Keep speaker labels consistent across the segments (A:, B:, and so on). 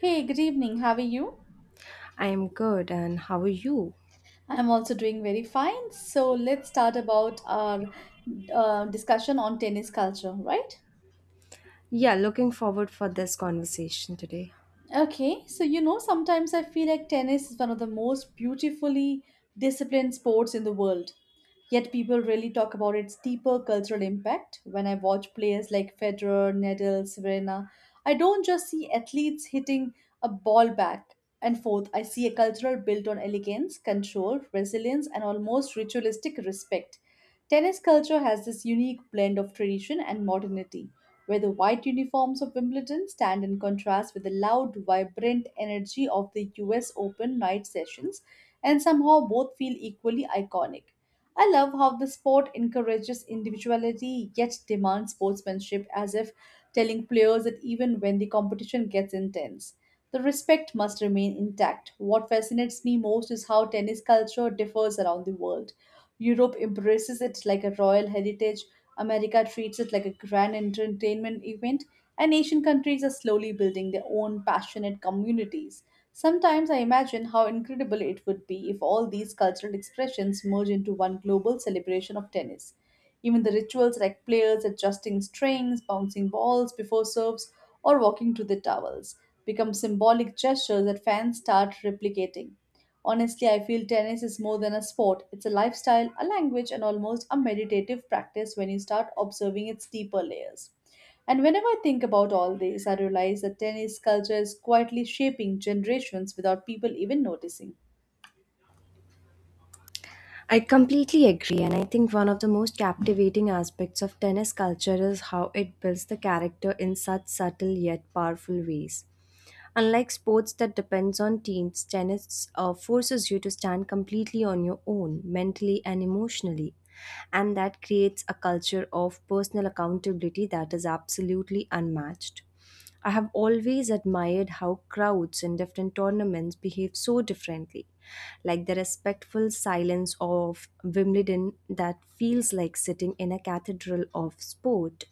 A: Hey, good evening. How are you?
B: I am good, and how are you?
A: I'm also doing very fine. So let's start about our discussion on tennis culture, right?
B: Yeah, looking forward for this conversation today.
A: Okay, so you know, sometimes I feel like tennis is one of the most beautifully disciplined sports in the world. Yet people really talk about its deeper cultural impact. When I watch players like Federer, Nadal, Serena, I don't just see athletes hitting a ball back and forth. I see a cultural built on elegance, control, resilience, and almost ritualistic respect. Tennis culture has this unique blend of tradition and modernity where the white uniforms of Wimbledon stand in contrast with the loud, vibrant energy of the US Open night sessions, and somehow both feel equally iconic. I love how the sport encourages individuality yet demands sportsmanship as if telling players that even when the competition gets intense, the respect must remain intact. What fascinates me most is how tennis culture differs around the world. Europe embraces it like a royal heritage, America treats it like a grand entertainment event, and Asian countries are slowly building their own passionate communities. Sometimes I imagine how incredible it would be if all these cultural expressions merge into one global celebration of tennis. Even the rituals like players adjusting strings, bouncing balls before serves, or walking to the towels become symbolic gestures that fans start replicating. Honestly, I feel tennis is more than a sport. It's a lifestyle, a language, and almost a meditative practice when you start observing its deeper layers. And whenever I think about all this, I realize that tennis culture is quietly shaping generations without people even noticing.
B: I completely agree, and I think one of the most captivating aspects of tennis culture is how it builds the character in such subtle yet powerful ways. Unlike sports that depends on teams, tennis forces you to stand completely on your own, mentally and emotionally, and that creates a culture of personal accountability that is absolutely unmatched. I have always admired how crowds in different tournaments behave so differently, like the respectful silence of Wimbledon that feels like sitting in a cathedral of sport,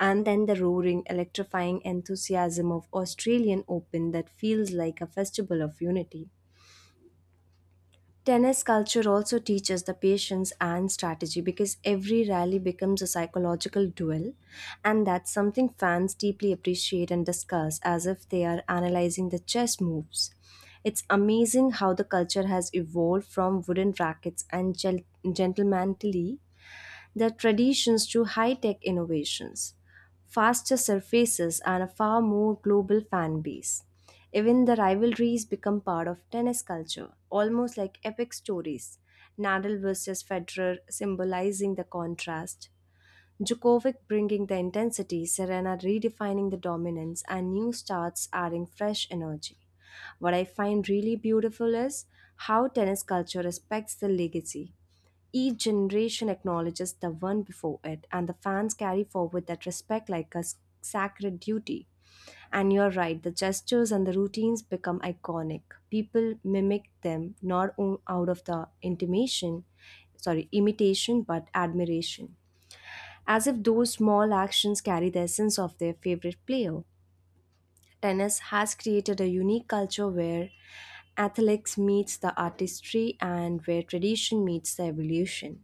B: and then the roaring, electrifying enthusiasm of Australian Open that feels like a festival of unity. Tennis culture also teaches the patience and strategy because every rally becomes a psychological duel, and that's something fans deeply appreciate and discuss as if they are analyzing the chess moves. It's amazing how the culture has evolved from wooden rackets and gentlemanly their traditions to high tech innovations, faster surfaces, and a far more global fan base. Even the rivalries become part of tennis culture, almost like epic stories. Nadal versus Federer symbolizing the contrast, Djokovic bringing the intensity, Serena redefining the dominance, and new starts adding fresh energy. What I find really beautiful is how tennis culture respects the legacy. Each generation acknowledges the one before it, and the fans carry forward that respect like a sacred duty. And you're right, the gestures and the routines become iconic. People mimic them not o- out of the intimation, sorry, imitation, but admiration. As if those small actions carry the essence of their favorite player. Tennis has created a unique culture where athletics meets the artistry and where tradition meets the evolution.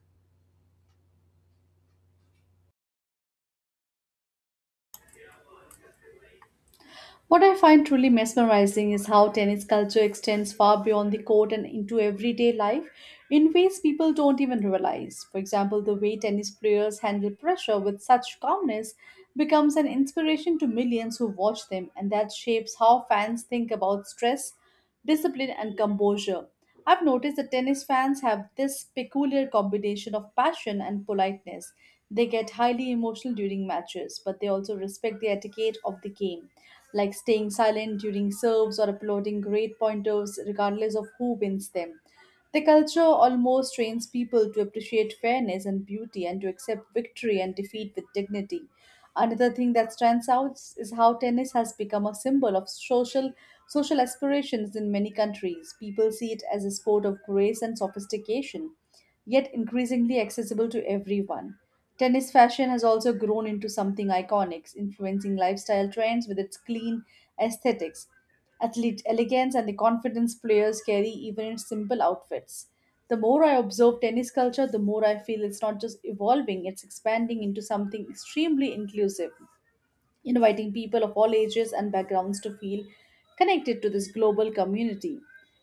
A: What I find truly mesmerizing is how tennis culture extends far beyond the court and into everyday life in ways people don't even realize. For example, the way tennis players handle pressure with such calmness becomes an inspiration to millions who watch them, and that shapes how fans think about stress discipline, and composure. I've noticed that tennis fans have this peculiar combination of passion and politeness. They get highly emotional during matches, but they also respect the etiquette of the game, like staying silent during serves or applauding great pointers, regardless of who wins them. The culture almost trains people to appreciate fairness and beauty and to accept victory and defeat with dignity. Another thing that stands out is how tennis has become a symbol of social aspirations in many countries. People see it as a sport of grace and sophistication, yet increasingly accessible to everyone. Tennis fashion has also grown into something iconic, influencing lifestyle trends with its clean aesthetics athlete elegance and the confidence players carry even in simple outfits. The more I observe tennis culture, the more I feel it's not just evolving, it's expanding into something extremely inclusive inviting people of all ages and backgrounds to feel connected to this global community.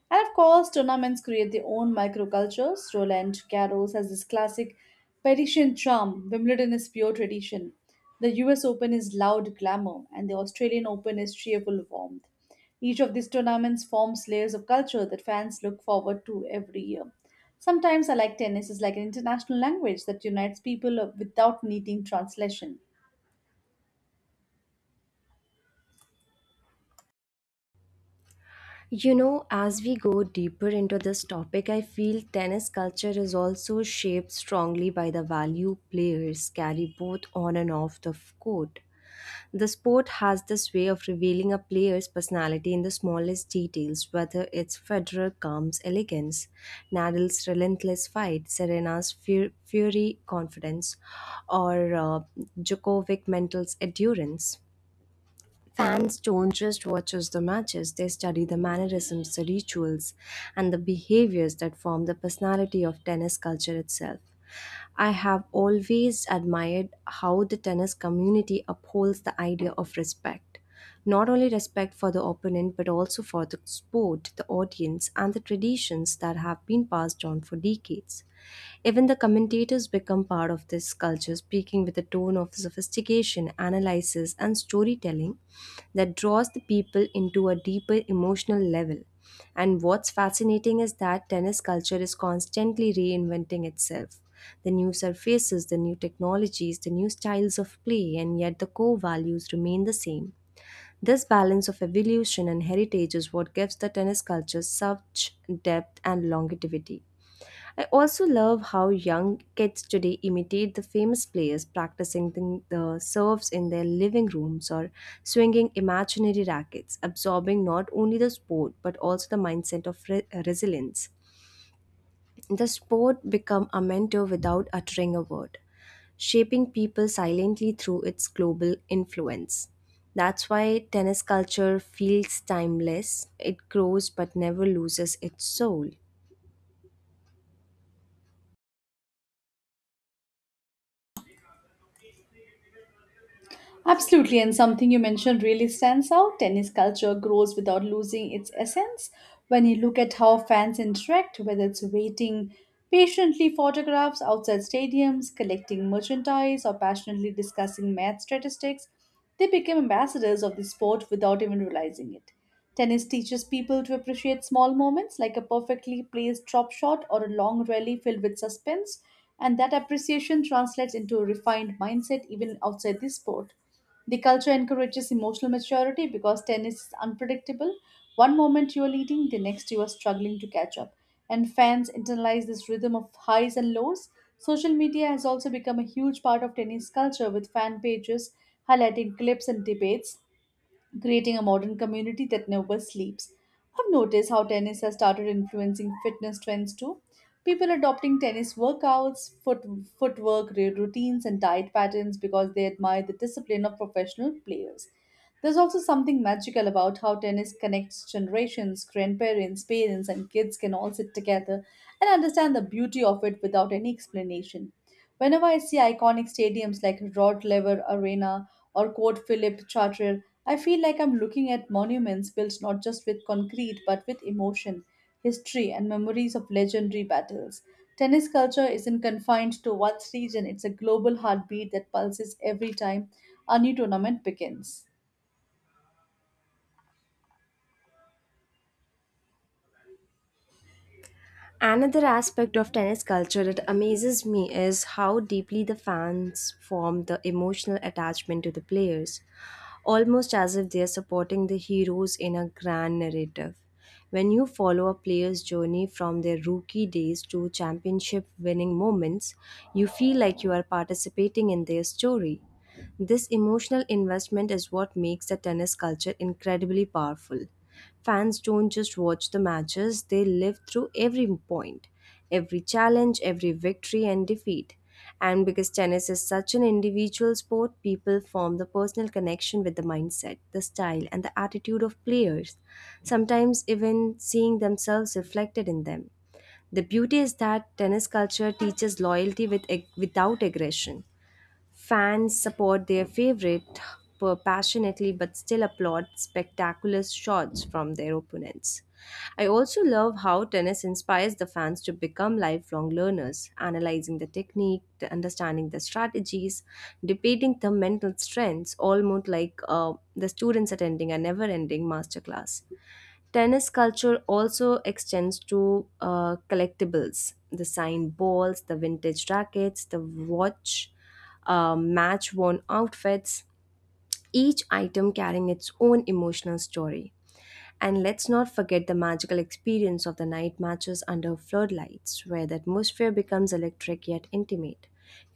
A: And of course, tournaments create their own microcultures. Roland Garros has this classic Parisian charm, Wimbledon is pure tradition. The US Open is loud glamour, and the Australian Open is cheerful warmth. Each of these tournaments forms layers of culture that fans look forward to every year. Sometimes I like tennis is like an international language that unites people without needing translation.
B: You know, as we go deeper into this topic, I feel tennis culture is also shaped strongly by the value players carry both on and off the court. The sport has this way of revealing a player's personality in the smallest details, whether it's Federer calm's elegance, Nadal's relentless fight, fury confidence, or Djokovic mental's endurance. Fans don't just watch us the matches, they study the mannerisms, the rituals, and the behaviors that form the personality of tennis culture itself. I have always admired how the tennis community upholds the idea of respect. Not only respect for the opponent, but also for the sport, the audience, and the traditions that have been passed on for decades. Even the commentators become part of this culture, speaking with a tone of sophistication, analysis, and storytelling that draws the people into a deeper emotional level. And what's fascinating is that tennis culture is constantly reinventing itself. The new surfaces, the new technologies, the new styles of play, and yet the core values remain the same. This balance of evolution and heritage is what gives the tennis culture such depth and longevity. I also love how young kids today imitate the famous players practicing the serves in their living rooms or swinging imaginary rackets, absorbing not only the sport but also the mindset of resilience. The sport became a mentor without uttering a word, shaping people silently through its global influence. That's why tennis culture feels timeless. It grows but never loses its soul.
A: Absolutely, and something you mentioned really stands out. Tennis culture grows without losing its essence. When you look at how fans interact, whether it's waiting patiently photographs outside stadiums, collecting merchandise, or passionately discussing math statistics, they become ambassadors of the sport without even realizing it. Tennis teaches people to appreciate small moments like a perfectly placed drop shot or a long rally filled with suspense, and that appreciation translates into a refined mindset even outside the sport. The culture encourages emotional maturity because tennis is unpredictable. One moment you are leading, the next you are struggling to catch up. And fans internalize this rhythm of highs and lows. Social media has also become a huge part of tennis culture with fan pages highlighting clips and debates creating a modern community that never sleeps. I've noticed how tennis has started influencing fitness trends too. People adopting tennis workouts, routines, and diet patterns because they admire the discipline of professional players. There's also something magical about how tennis connects generations, grandparents, parents, and kids can all sit together and understand the beauty of it without any explanation. Whenever I see iconic stadiums like Rod Laver Arena or Court Philip Chartier, I feel like I'm looking at monuments built not just with concrete but with emotion, history, and memories of legendary battles. Tennis culture isn't confined to one region, it's a global heartbeat that pulses every time a new tournament begins.
B: Another aspect of tennis culture that amazes me is how deeply the fans form the emotional attachment to the players, almost as if they are supporting the heroes in a grand narrative. When you follow a player's journey from their rookie days to championship winning moments, you feel like you are participating in their story. This emotional investment is what makes the tennis culture incredibly powerful. Fans don't just watch the matches, they live through every point, every challenge, every victory and defeat. And because tennis is such an individual sport, people form the personal connection with the mindset, the style, and the attitude of players, sometimes even seeing themselves reflected in them. The beauty is that tennis culture teaches loyalty without aggression. Fans support their favorite passionately but still applaud spectacular shots from their opponents. I also love how tennis inspires the fans to become lifelong learners, analyzing the technique, the understanding the strategies, debating the mental strengths, almost like the students attending a never ending masterclass. Tennis culture also extends to collectibles, the signed balls, the vintage rackets, the watch, match worn outfits, each item carrying its own emotional story. And let's not forget the magical experience of the night matches under floodlights, where the atmosphere becomes electric yet intimate,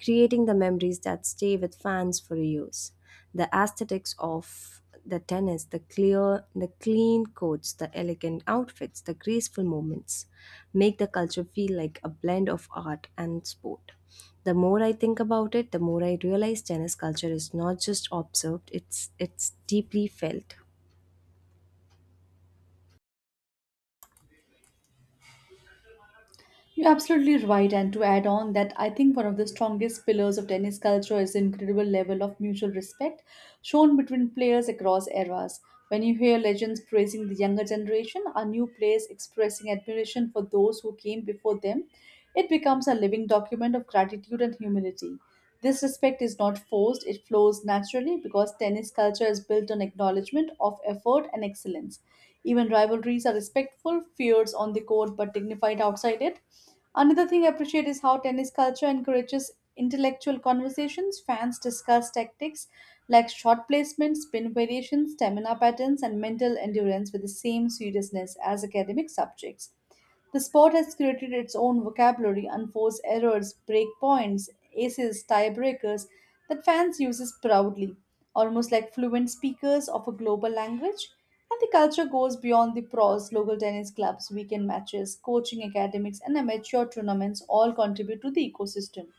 B: creating the memories that stay with fans for years. The aesthetics of the tennis, the clean coats, the elegant outfits, the graceful movements, make the culture feel like a blend of art and sport. The more I think about it, the more I realize tennis culture is not just observed; it's deeply felt.
A: You're absolutely right. And to add on that, I think one of the strongest pillars of tennis culture is the incredible level of mutual respect shown between players across eras. When you hear legends praising the younger generation or new players expressing admiration for those who came before them, it becomes a living document of gratitude and humility. This respect is not forced, it flows naturally because tennis culture is built on acknowledgement of effort and excellence. Even rivalries are respectful, fierce on the court but dignified outside it. Another thing I appreciate is how tennis culture encourages intellectual conversations. Fans discuss tactics like shot placement, spin variations, stamina patterns, and mental endurance with the same seriousness as academic subjects. The sport has created its own vocabulary, unforced errors, breakpoints, aces, tiebreakers that fans uses proudly, almost like fluent speakers of a global language. And the culture goes beyond the pros, local tennis clubs, weekend matches, coaching academics, and amateur tournaments all contribute to the ecosystem.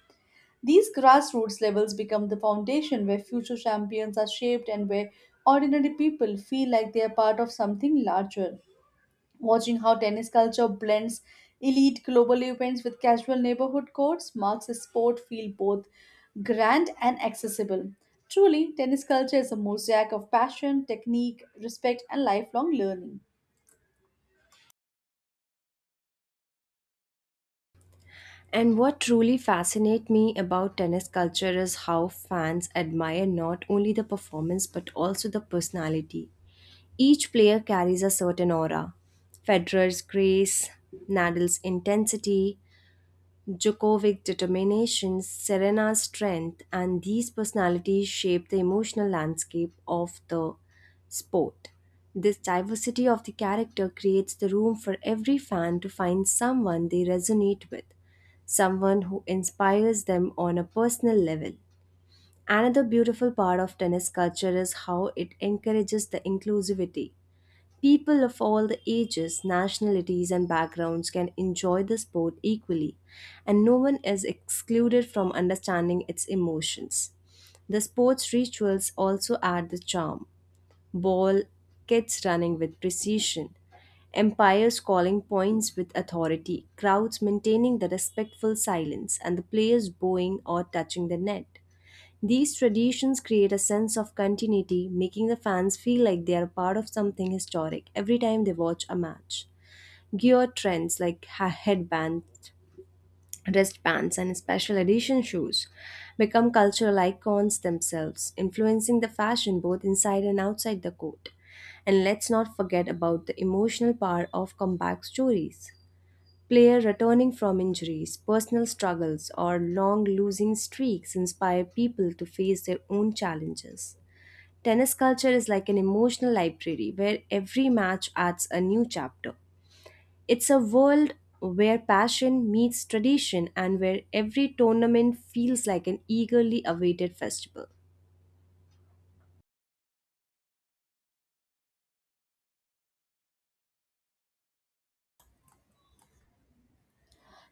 A: These grassroots levels become the foundation where future champions are shaped and where ordinary people feel like they are part of something larger. Watching how tennis culture blends elite global events with casual neighborhood courts marks a sport feel both grand and accessible. Truly, tennis culture is a mosaic of passion, technique, respect, and lifelong learning.
B: And what truly fascinates me about tennis culture is how fans admire not only the performance but also the personality. Each player carries a certain aura, Federer's grace, Nadal's intensity, Djokovic's determination, Serena's strength, and these personalities shape the emotional landscape of the sport. This diversity of the character creates the room for every fan to find someone they resonate with, someone who inspires them on a personal level. Another beautiful part of tennis culture is how it encourages the inclusivity. People of all the ages, nationalities, and backgrounds can enjoy the sport equally, and no one is excluded from understanding its emotions. The sports rituals also add the charm, ball kids running with precision, empires calling points with authority, crowds maintaining the respectful silence, and the players bowing or touching the net. These traditions create a sense of continuity, making the fans feel like they are part of something historic every time they watch a match. Gear trends like headbands, wristbands, and special edition shoes become cultural icons themselves, influencing the fashion both inside and outside the court. And let's not forget about the emotional power of comeback stories. Player returning from injuries, personal struggles, or long losing streaks inspire people to face their own challenges. Tennis culture is like an emotional library where every match adds a new chapter. It's a world where passion meets tradition and where every tournament feels like an eagerly awaited festival.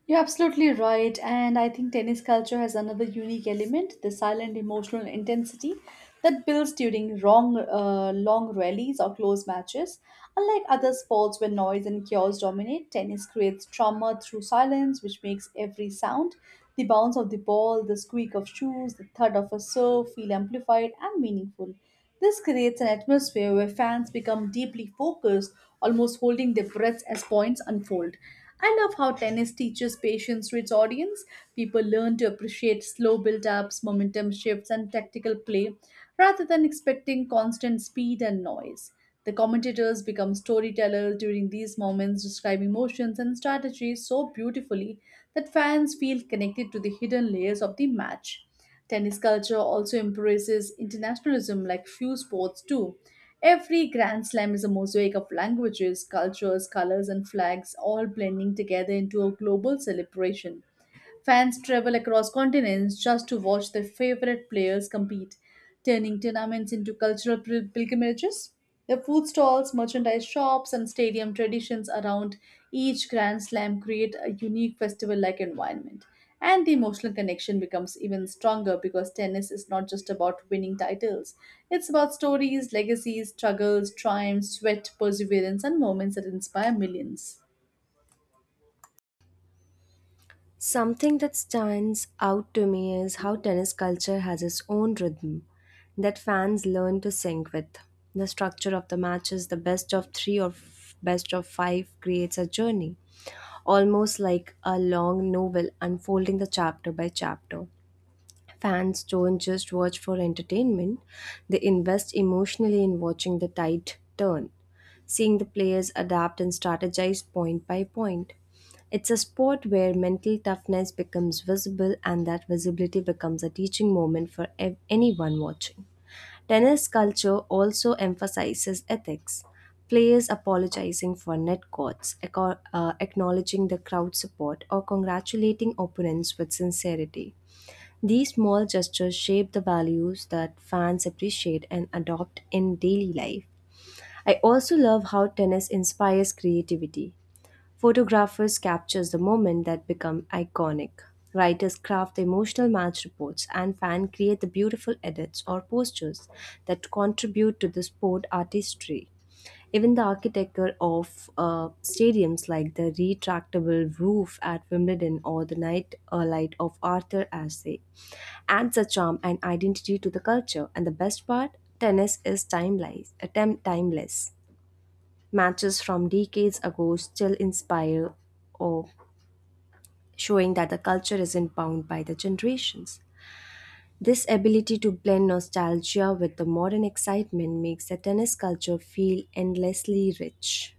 A: You're absolutely right, and I think tennis culture has another unique element the silent emotional intensity that builds during long rallies or close matches. Unlike other sports where noise and chaos dominate, tennis creates trauma through silence, which makes every sound the bounce of the ball, the squeak of shoes, the thud of a serve feel amplified and meaningful. This creates an atmosphere where fans become deeply focused, almost holding their breaths as points unfold. I love how tennis teaches patience to its audience. People learn to appreciate slow build ups, momentum shifts, and tactical play rather than expecting constant speed and noise. The commentators become storytellers during these moments, describing motions and strategies so beautifully that fans feel connected to the hidden layers of the match. Tennis culture also embraces internationalism like few sports do. Every Grand Slam is a mosaic of languages, cultures, colors, and flags, all blending together into a global celebration. Fans travel across continents just to watch their favorite players compete, turning tournaments into cultural pilgrimages. The food stalls, merchandise shops, and stadium traditions around each Grand Slam create a unique festival like environment. And the emotional connection becomes even stronger because tennis is not just about winning titles. It's about stories, legacies, struggles, triumphs, sweat, perseverance, and moments that inspire millions.
B: Something that stands out to me is how tennis culture has its own rhythm that fans learn to sync with. The structure of the matches, the best of three or best of five, creates a journey, almost like a long novel unfolding the chapter by chapter. Fans don't just watch for entertainment, they invest emotionally in watching the tide turn, seeing the players adapt and strategize point by point. It's a sport where mental toughness becomes visible, and that visibility becomes a teaching moment for anyone watching. Tennis culture also emphasizes ethics. Players apologizing for net courts, acknowledging the crowd support, or congratulating opponents with sincerity. These small gestures shape the values that fans appreciate and adopt in daily life. I also love how tennis inspires creativity. Photographers capture the moment that become iconic. Writers craft the emotional match reports, and fans create the beautiful edits or posters that contribute to the sport artistry. Even the architecture of stadiums like the retractable roof at Wimbledon or the night light of Arthur Ashe adds a charm and identity to the culture. And the best part, tennis is timeless. Matches from decades ago still inspire awe, showing that the culture isn't bound by the generations. This ability to blend nostalgia with the modern excitement makes the tennis culture feel endlessly rich.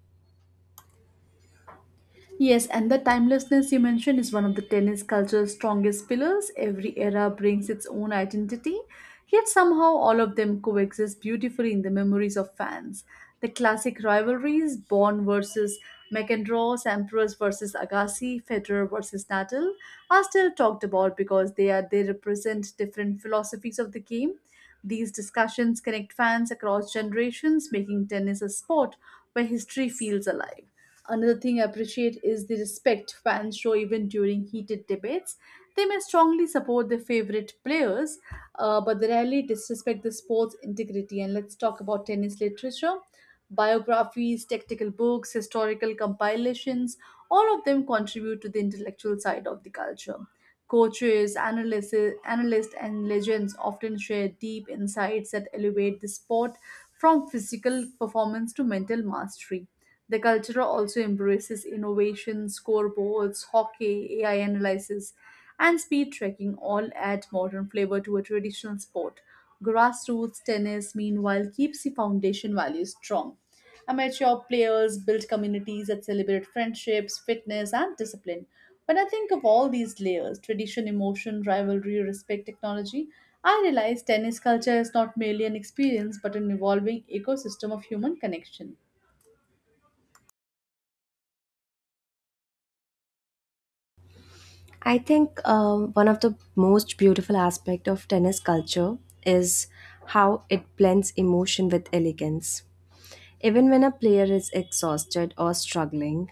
A: Yes, and the timelessness you mentioned is one of the tennis culture's strongest pillars. Every era brings its own identity, yet somehow all of them coexist beautifully in the memories of fans. The classic rivalries, Born versus McEnroe, Sampras versus Agassi, Federer versus Nadal, are still talked about because they represent different philosophies of the game. These discussions connect fans across generations, making tennis a sport where history feels alive. Another thing I appreciate is the respect fans show even during heated debates. They may strongly support their favorite players, but they rarely disrespect the sport's integrity. And let's talk about tennis literature. Biographies, tactical books, historical compilations, all of them contribute to the intellectual side of the culture. Coaches, analysts, and legends often share deep insights that elevate the sport from physical performance to mental mastery. The culture also embraces innovation, scoreboards, hockey, AI analysis, and speed tracking, all add modern flavor to a traditional sport. Grassroots tennis, meanwhile, keeps the foundation values strong. Amateur players build communities that celebrate friendships, fitness, and discipline. When I think of all these layers tradition, emotion, rivalry, respect, technology I realize tennis culture is not merely an experience but an evolving ecosystem of human connection.
B: I think one of the most beautiful aspect of tennis culture is how it blends emotion with elegance. Even when a player is exhausted or struggling,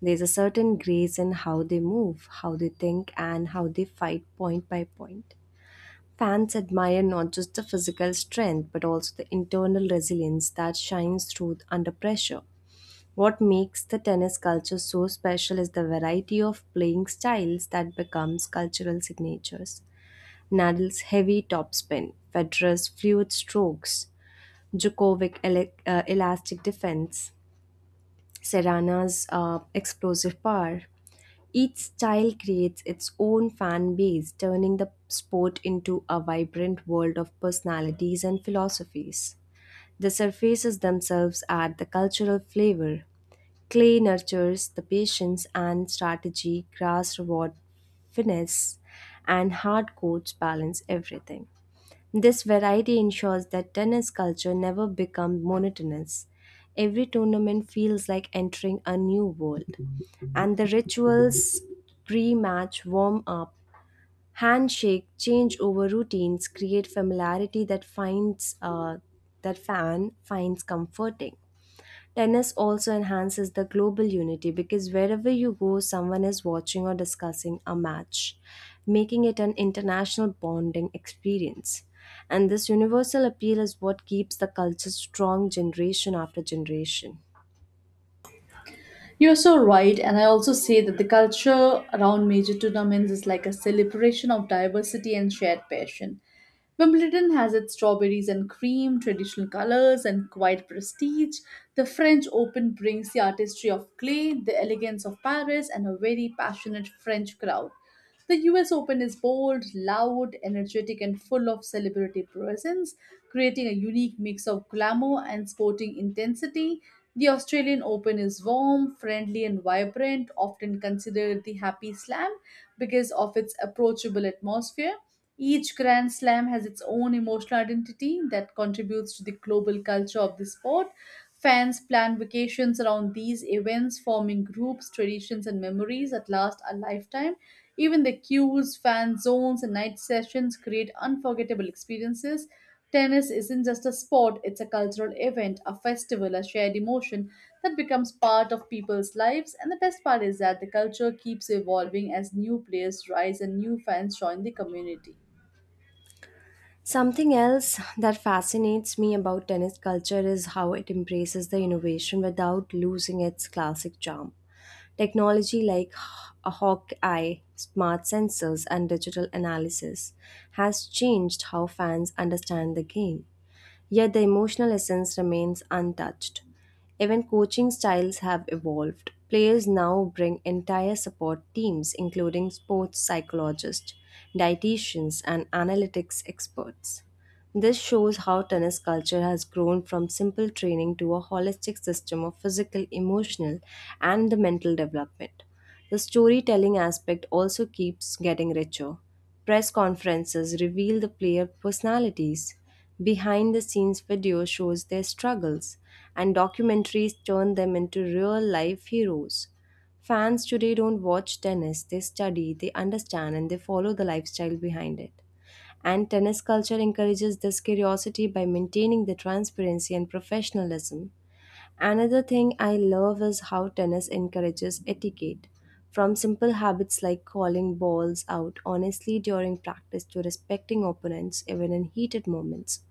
B: there's a certain grace in how they move, how they think, and how they fight point by point. Fans admire not just the physical strength but also the internal resilience that shines through under pressure. What makes the tennis culture so special is the variety of playing styles that becomes cultural signatures. Nadal's heavy topspin, Federer's fluid strokes, Djokovic elastic defense, Serrana's explosive power. Each style creates its own fan base, turning the sport into a vibrant world of personalities and philosophies. The surfaces themselves add the cultural flavor, Clay nurtures the patience and strategy, grass reward finesse, and hard courts balance everything. This variety ensures that tennis culture never becomes monotonous. Every tournament feels like entering a new world. And the rituals, pre match warm up, handshake, changeover routines create familiarity that finds that fan finds comforting. Tennis also enhances the global unity because wherever you go, someone is watching or discussing a match, making it an international bonding experience. And this universal appeal is what keeps the culture strong generation after generation.
A: You're so right, and I also say that the culture around major tournaments is like a celebration of diversity and shared passion. Wimbledon has its strawberries and cream, traditional colors, and quiet prestige. The French Open brings the artistry of clay, the elegance of Paris, and a very passionate French crowd. The US Open is bold, loud, energetic, and full of celebrity presence, creating a unique mix of glamour and sporting intensity. The Australian Open is warm, friendly, and vibrant, often considered the happy slam because of its approachable atmosphere. Each Grand Slam has its own emotional identity that contributes to the global culture of the sport. Fans plan vacations around these events, forming groups, traditions, and memories that last a lifetime. Even the queues, fan zones, and night sessions create unforgettable experiences. Tennis isn't just a sport, it's a cultural event, a festival, a shared emotion that becomes part of people's lives. And the best part is that the culture keeps evolving as new players rise and new fans join the community.
B: Something else that fascinates me about tennis culture is how it embraces the innovation without losing its classic charm. Technology like a hawk eye, smart sensors, and digital analysis has changed how fans understand the game yet the emotional essence remains untouched. Even coaching styles have evolved. Players now bring entire support teams, including sports psychologists, dietitians, and analytics experts. This shows how tennis culture has grown from simple training to a holistic system of physical, emotional, and the mental development. The storytelling aspect also keeps getting richer. Press conferences reveal the player personalities. Behind the scenes video shows their struggles, and documentaries turn them into real life heroes. Fans today don't watch tennis, they study, they understand, and they follow the lifestyle behind it and tennis culture encourages this curiosity by maintaining the transparency and professionalism. Another thing I love is how tennis encourages etiquette, from simple habits like calling balls out honestly during practice to respecting opponents even in heated moments.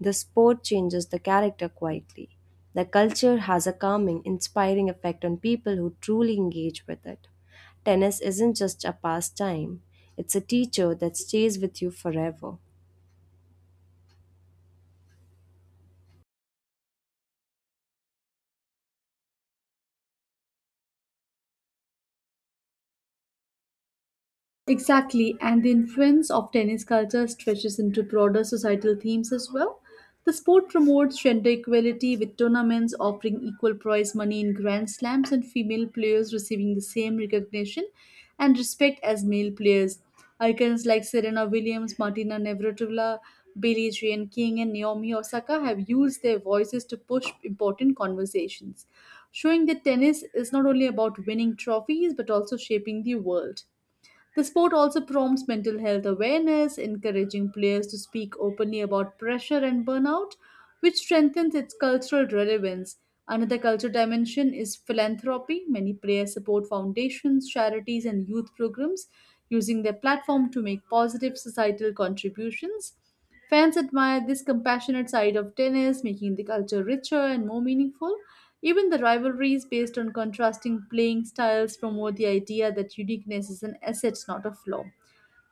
B: The sport changes the character quietly. The culture has a calming, inspiring effect on people who truly engage with it. Tennis isn't just a pastime, it's a teacher that stays with you forever.
A: Exactly, and the influence of tennis culture stretches into broader societal themes as well. The sport promotes gender equality with tournaments offering equal prize money in Grand Slams and female players receiving the same recognition and respect as male players. Icons like Serena Williams, Martina Navratilova, Billie Jean King, and Naomi Osaka have used their voices to push important conversations, showing that tennis is not only about winning trophies but also shaping the world. The sport also promotes mental health awareness, encouraging players to speak openly about pressure and burnout, which strengthens its cultural relevance. Another cultural dimension is philanthropy. Many players support foundations, charities, and youth programs, using their platform to make positive societal contributions. Fans admired this compassionate side of tennis, making the culture richer and more meaningful. Even the rivalries based on contrasting playing styles promote the idea that uniqueness is an asset, not a flaw.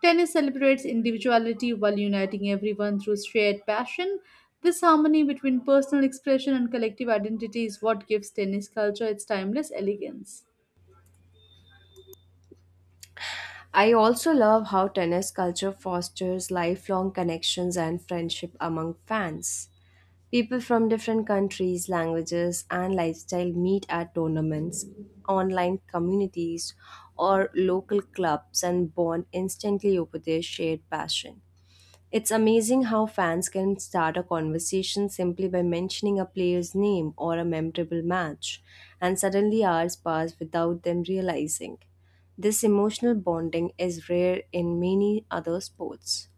A: Tennis celebrates individuality while uniting everyone through shared passion. This harmony between personal expression and collective identity is what gives tennis culture its timeless elegance.
B: I also love how tennis culture fosters lifelong connections and friendship among fans. People from different countries, languages, and lifestyle meet at tournaments, online communities, or local clubs and bond instantly over their shared passion. It's amazing how fans can start a conversation simply by mentioning a player's name or a memorable match, and suddenly hours pass without them realizing. This emotional bonding is rare in many other sports.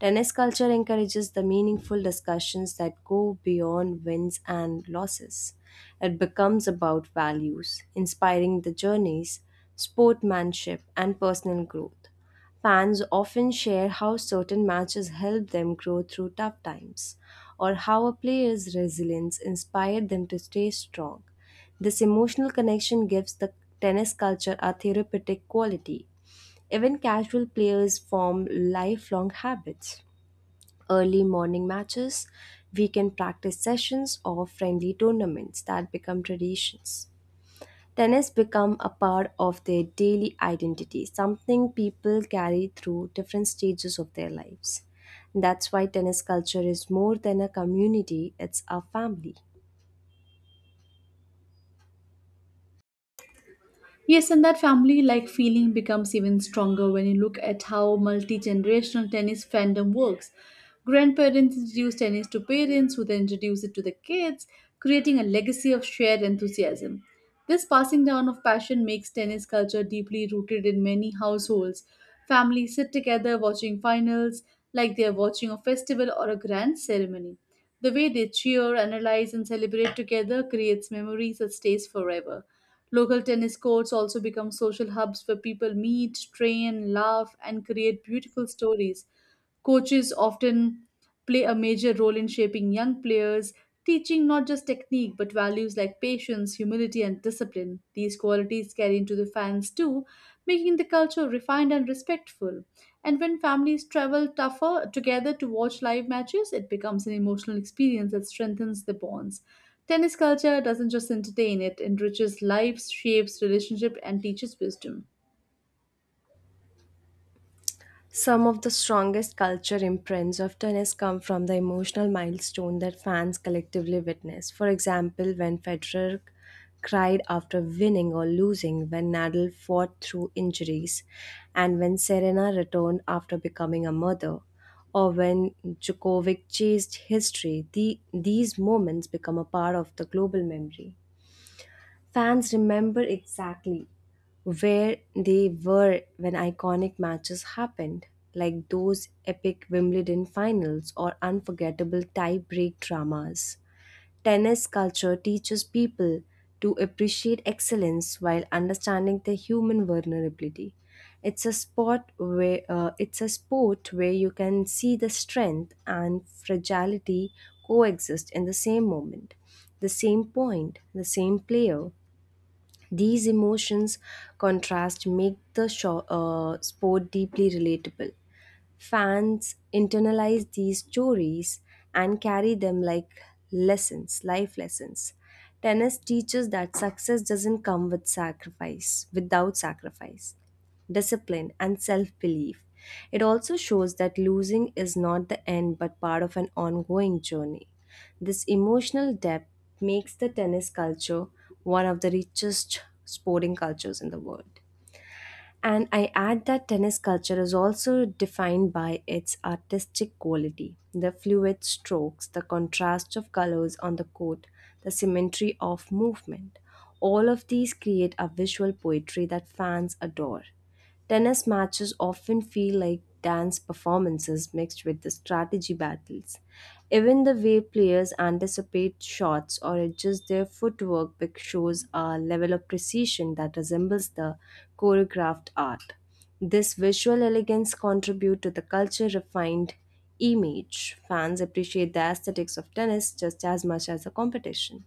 B: Tennis culture encourages the meaningful discussions that go beyond wins and losses. It becomes about values, inspiring the journeys, sportsmanship, and personal growth. Fans often share how certain matches helped them grow through tough times, or how a player's resilience inspired them to stay strong. This emotional connection gives the tennis culture a therapeutic quality. Even casual players form lifelong habits. Early morning matches, weekend practice sessions, or friendly tournaments that become traditions. Tennis become a part of their daily identity, something people carry through different stages of their lives. That's why tennis culture is more than a community, it's a family.
A: Yes, and that family like feeling becomes even stronger when you look at how multi generational tennis fandom works. Grandparents introduce tennis to parents who then introduce it to the kids, creating a legacy of shared enthusiasm. This passing down of passion makes tennis culture deeply rooted in many households. Families sit together watching finals like they are watching a festival or a grand ceremony. The way they cheer, analyze, and celebrate together creates memories that stays forever. Local tennis courts also become social hubs where people meet, train, laugh, and create beautiful stories. Coaches often play a major role in shaping young players, teaching not just technique but values like patience, humility, and discipline. These qualities carry into the fans too, making the culture refined and respectful. And when families travel tougher together to watch live matches, it becomes an emotional experience that strengthens the bonds. Tennis culture doesn't just entertain, it enriches lives, shapes relationship, and teaches wisdom.
B: Some of the strongest culture imprints of tennis come from the emotional milestone that fans collectively witness. For example, when Federer cried after winning or losing, when Nadal fought through injuries, and when Serena returned after becoming a mother, or when Djokovic chased history, these moments become a part of the global memory. Fans remember exactly where they were when iconic matches happened, like those epic Wimbledon finals or unforgettable tie break dramas. Tennis culture teaches people to appreciate excellence while understanding the human vulnerability. It's a sport where you can see the strength and fragility coexist in the same moment, the same point, the same player. These emotions contrast make the sport deeply relatable. Fans internalize these stories and carry them like lessons, life lessons. Tennis teaches that success doesn't come with sacrifice, without sacrifice, discipline, and self belief. It also shows that losing is not the end but part of an ongoing journey. This emotional depth makes the tennis culture one of the richest sporting cultures in the world. And I add that tennis culture is also defined by its artistic quality the fluid strokes, the contrast of colors on the court, the symmetry of movement. All of these create a visual poetry that fans adore. Tennis matches often feel like dance performances mixed with the strategy battles. Even the way players anticipate shots or adjust their footwork shows a level of precision that resembles the choreographed art. This visual elegance contributes to the culture refined image. Fans appreciate the aesthetics of tennis just as much as the competition.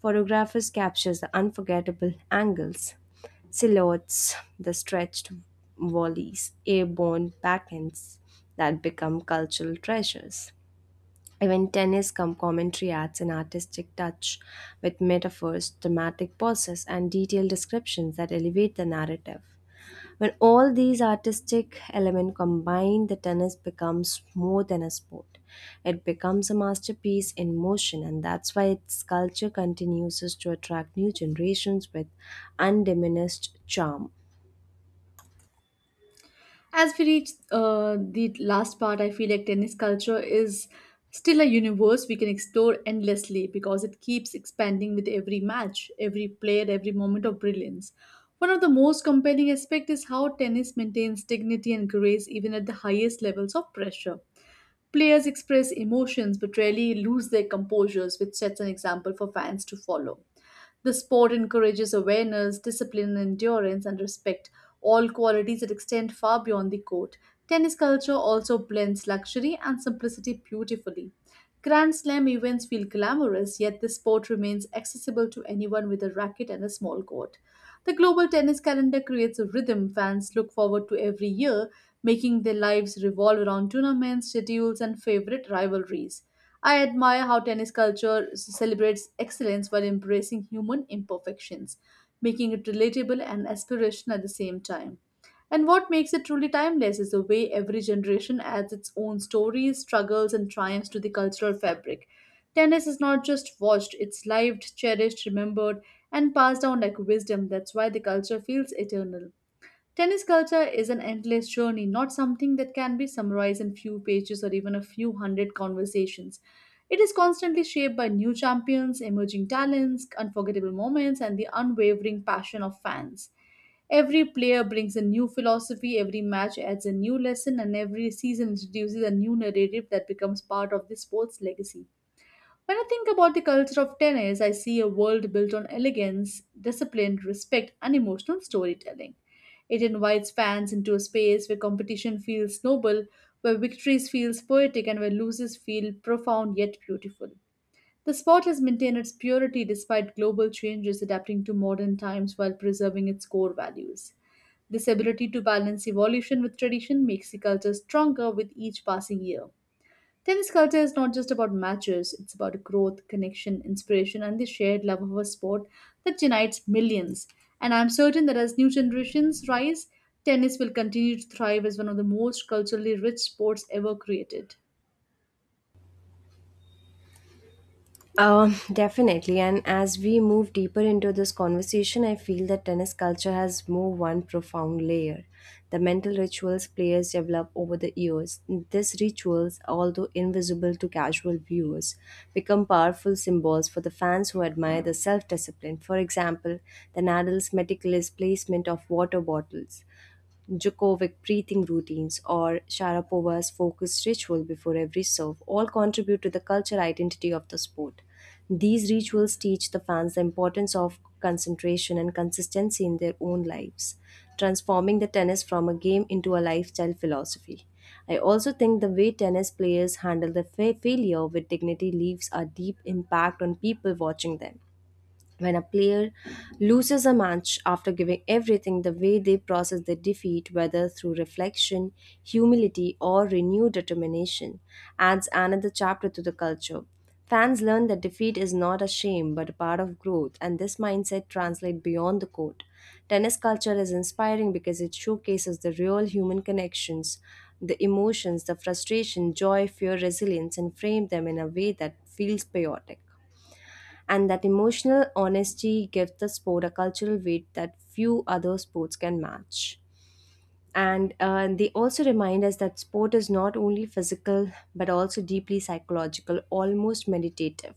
B: Photographers capture the unforgettable angles Silhouettes, the stretched volleys, airborne backends that become cultural treasures. Even tennis commentary adds an artistic touch with metaphors, dramatic pauses, and detailed descriptions that elevate the narrative. When all these artistic elements combine, the tennis becomes more than a sport. It becomes a masterpiece in motion, and that's why its culture continues to attract new generations with undiminished charm.
A: As we reach the last part, I feel like tennis culture is still a universe we can explore endlessly because it keeps expanding with every match, every player, every moment of brilliance. One of the most compelling aspects is how tennis maintains dignity and grace even at the highest levels of pressure. Players express emotions but rarely lose their composures, which sets an example for fans to follow. The sport encourages awareness, discipline, endurance, and respect, all qualities that extend far beyond the court. Tennis culture also blends luxury and simplicity beautifully. Grand Slam events feel glamorous, yet this sport remains accessible to anyone with a racket and a small court. The global tennis calendar creates a rhythm fans look forward to every year, making their lives revolve around tournaments, schedules, and favorite rivalries. I admire how tennis culture celebrates excellence while embracing human imperfections, making it relatable and aspirational at the same time. And what makes it truly timeless is the way every generation adds its own stories, struggles, and triumphs to the cultural fabric. Tennis is not just watched, it's lived, cherished, remembered, and passed down like wisdom. That's why the culture feels eternal. Tennis culture is an endless journey, not something that can be summarized in few pages or even a few hundred conversations. It is constantly shaped by new champions, emerging talents, unforgettable moments, and the unwavering passion of fans. Every player brings a new philosophy, every match adds a new lesson, and every season introduces a new narrative that becomes part of the sport's legacy. When I think about the culture of tennis, I see a world built on elegance, discipline, respect, and emotional storytelling. It invites fans into a space where competition feels noble, where victories feel poetic, and where losses feel profound yet beautiful. The sport has maintained its purity despite global changes, adapting to modern times while preserving its core values. This ability to balance evolution with tradition makes the culture stronger with each passing year. Tennis culture is not just about matches, it's about growth, connection, inspiration, and the shared love of a sport that unites millions. And I'm certain that as new generations rise, tennis will continue to thrive as one of the most culturally rich sports ever created.
B: Definitely. And as we move deeper into this conversation, I feel that tennis culture has more one profound layer. The mental rituals players develop over the years. These rituals, although invisible to casual viewers, become powerful symbols for the fans who admire the self discipline. For example, the Nadal's meticulous placement of water bottles Djokovic breathing routines, or Sharapova's focused ritual before every serve all contribute to the cultural identity of the sport. These rituals teach the fans the importance of concentration and consistency in their own lives, transforming the tennis from a game into a lifestyle philosophy. I also think the way tennis players handle the failure with dignity leaves a deep impact on people watching them. When a player loses a match after giving everything, the way they process their defeat, whether through reflection, humility, or renewed determination, adds another chapter to the culture. Fans learn that defeat is not a shame but a part of growth, and this mindset translates beyond the court. Tennis culture is inspiring because it showcases the real human connections, the emotions, the frustration, joy, fear, resilience, and frame them in a way that feels patriotic and that emotional honesty gives the sport a cultural weight that few other sports can match. And They also remind us that sport is not only physical but also deeply psychological, almost meditative.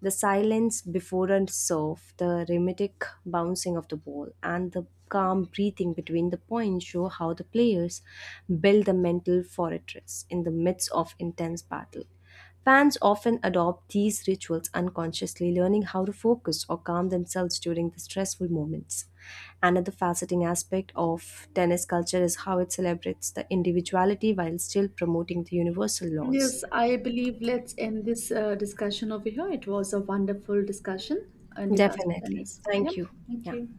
B: The silence before a serve, the rhythmic bouncing of the ball, and the calm breathing between the points show how the players build a mental fortress in the midst of intense battle. Fans often adopt these rituals unconsciously, learning how to focus or calm themselves during the stressful moments. Another fascinating aspect of tennis culture is how it celebrates the individuality while still promoting the universal laws.
A: Yes, I believe let's end this discussion over here. It was a wonderful discussion in regards to
B: Definitely.
A: tennis. Yep,
B: Thank you.
A: thank
B: Yeah.
A: you.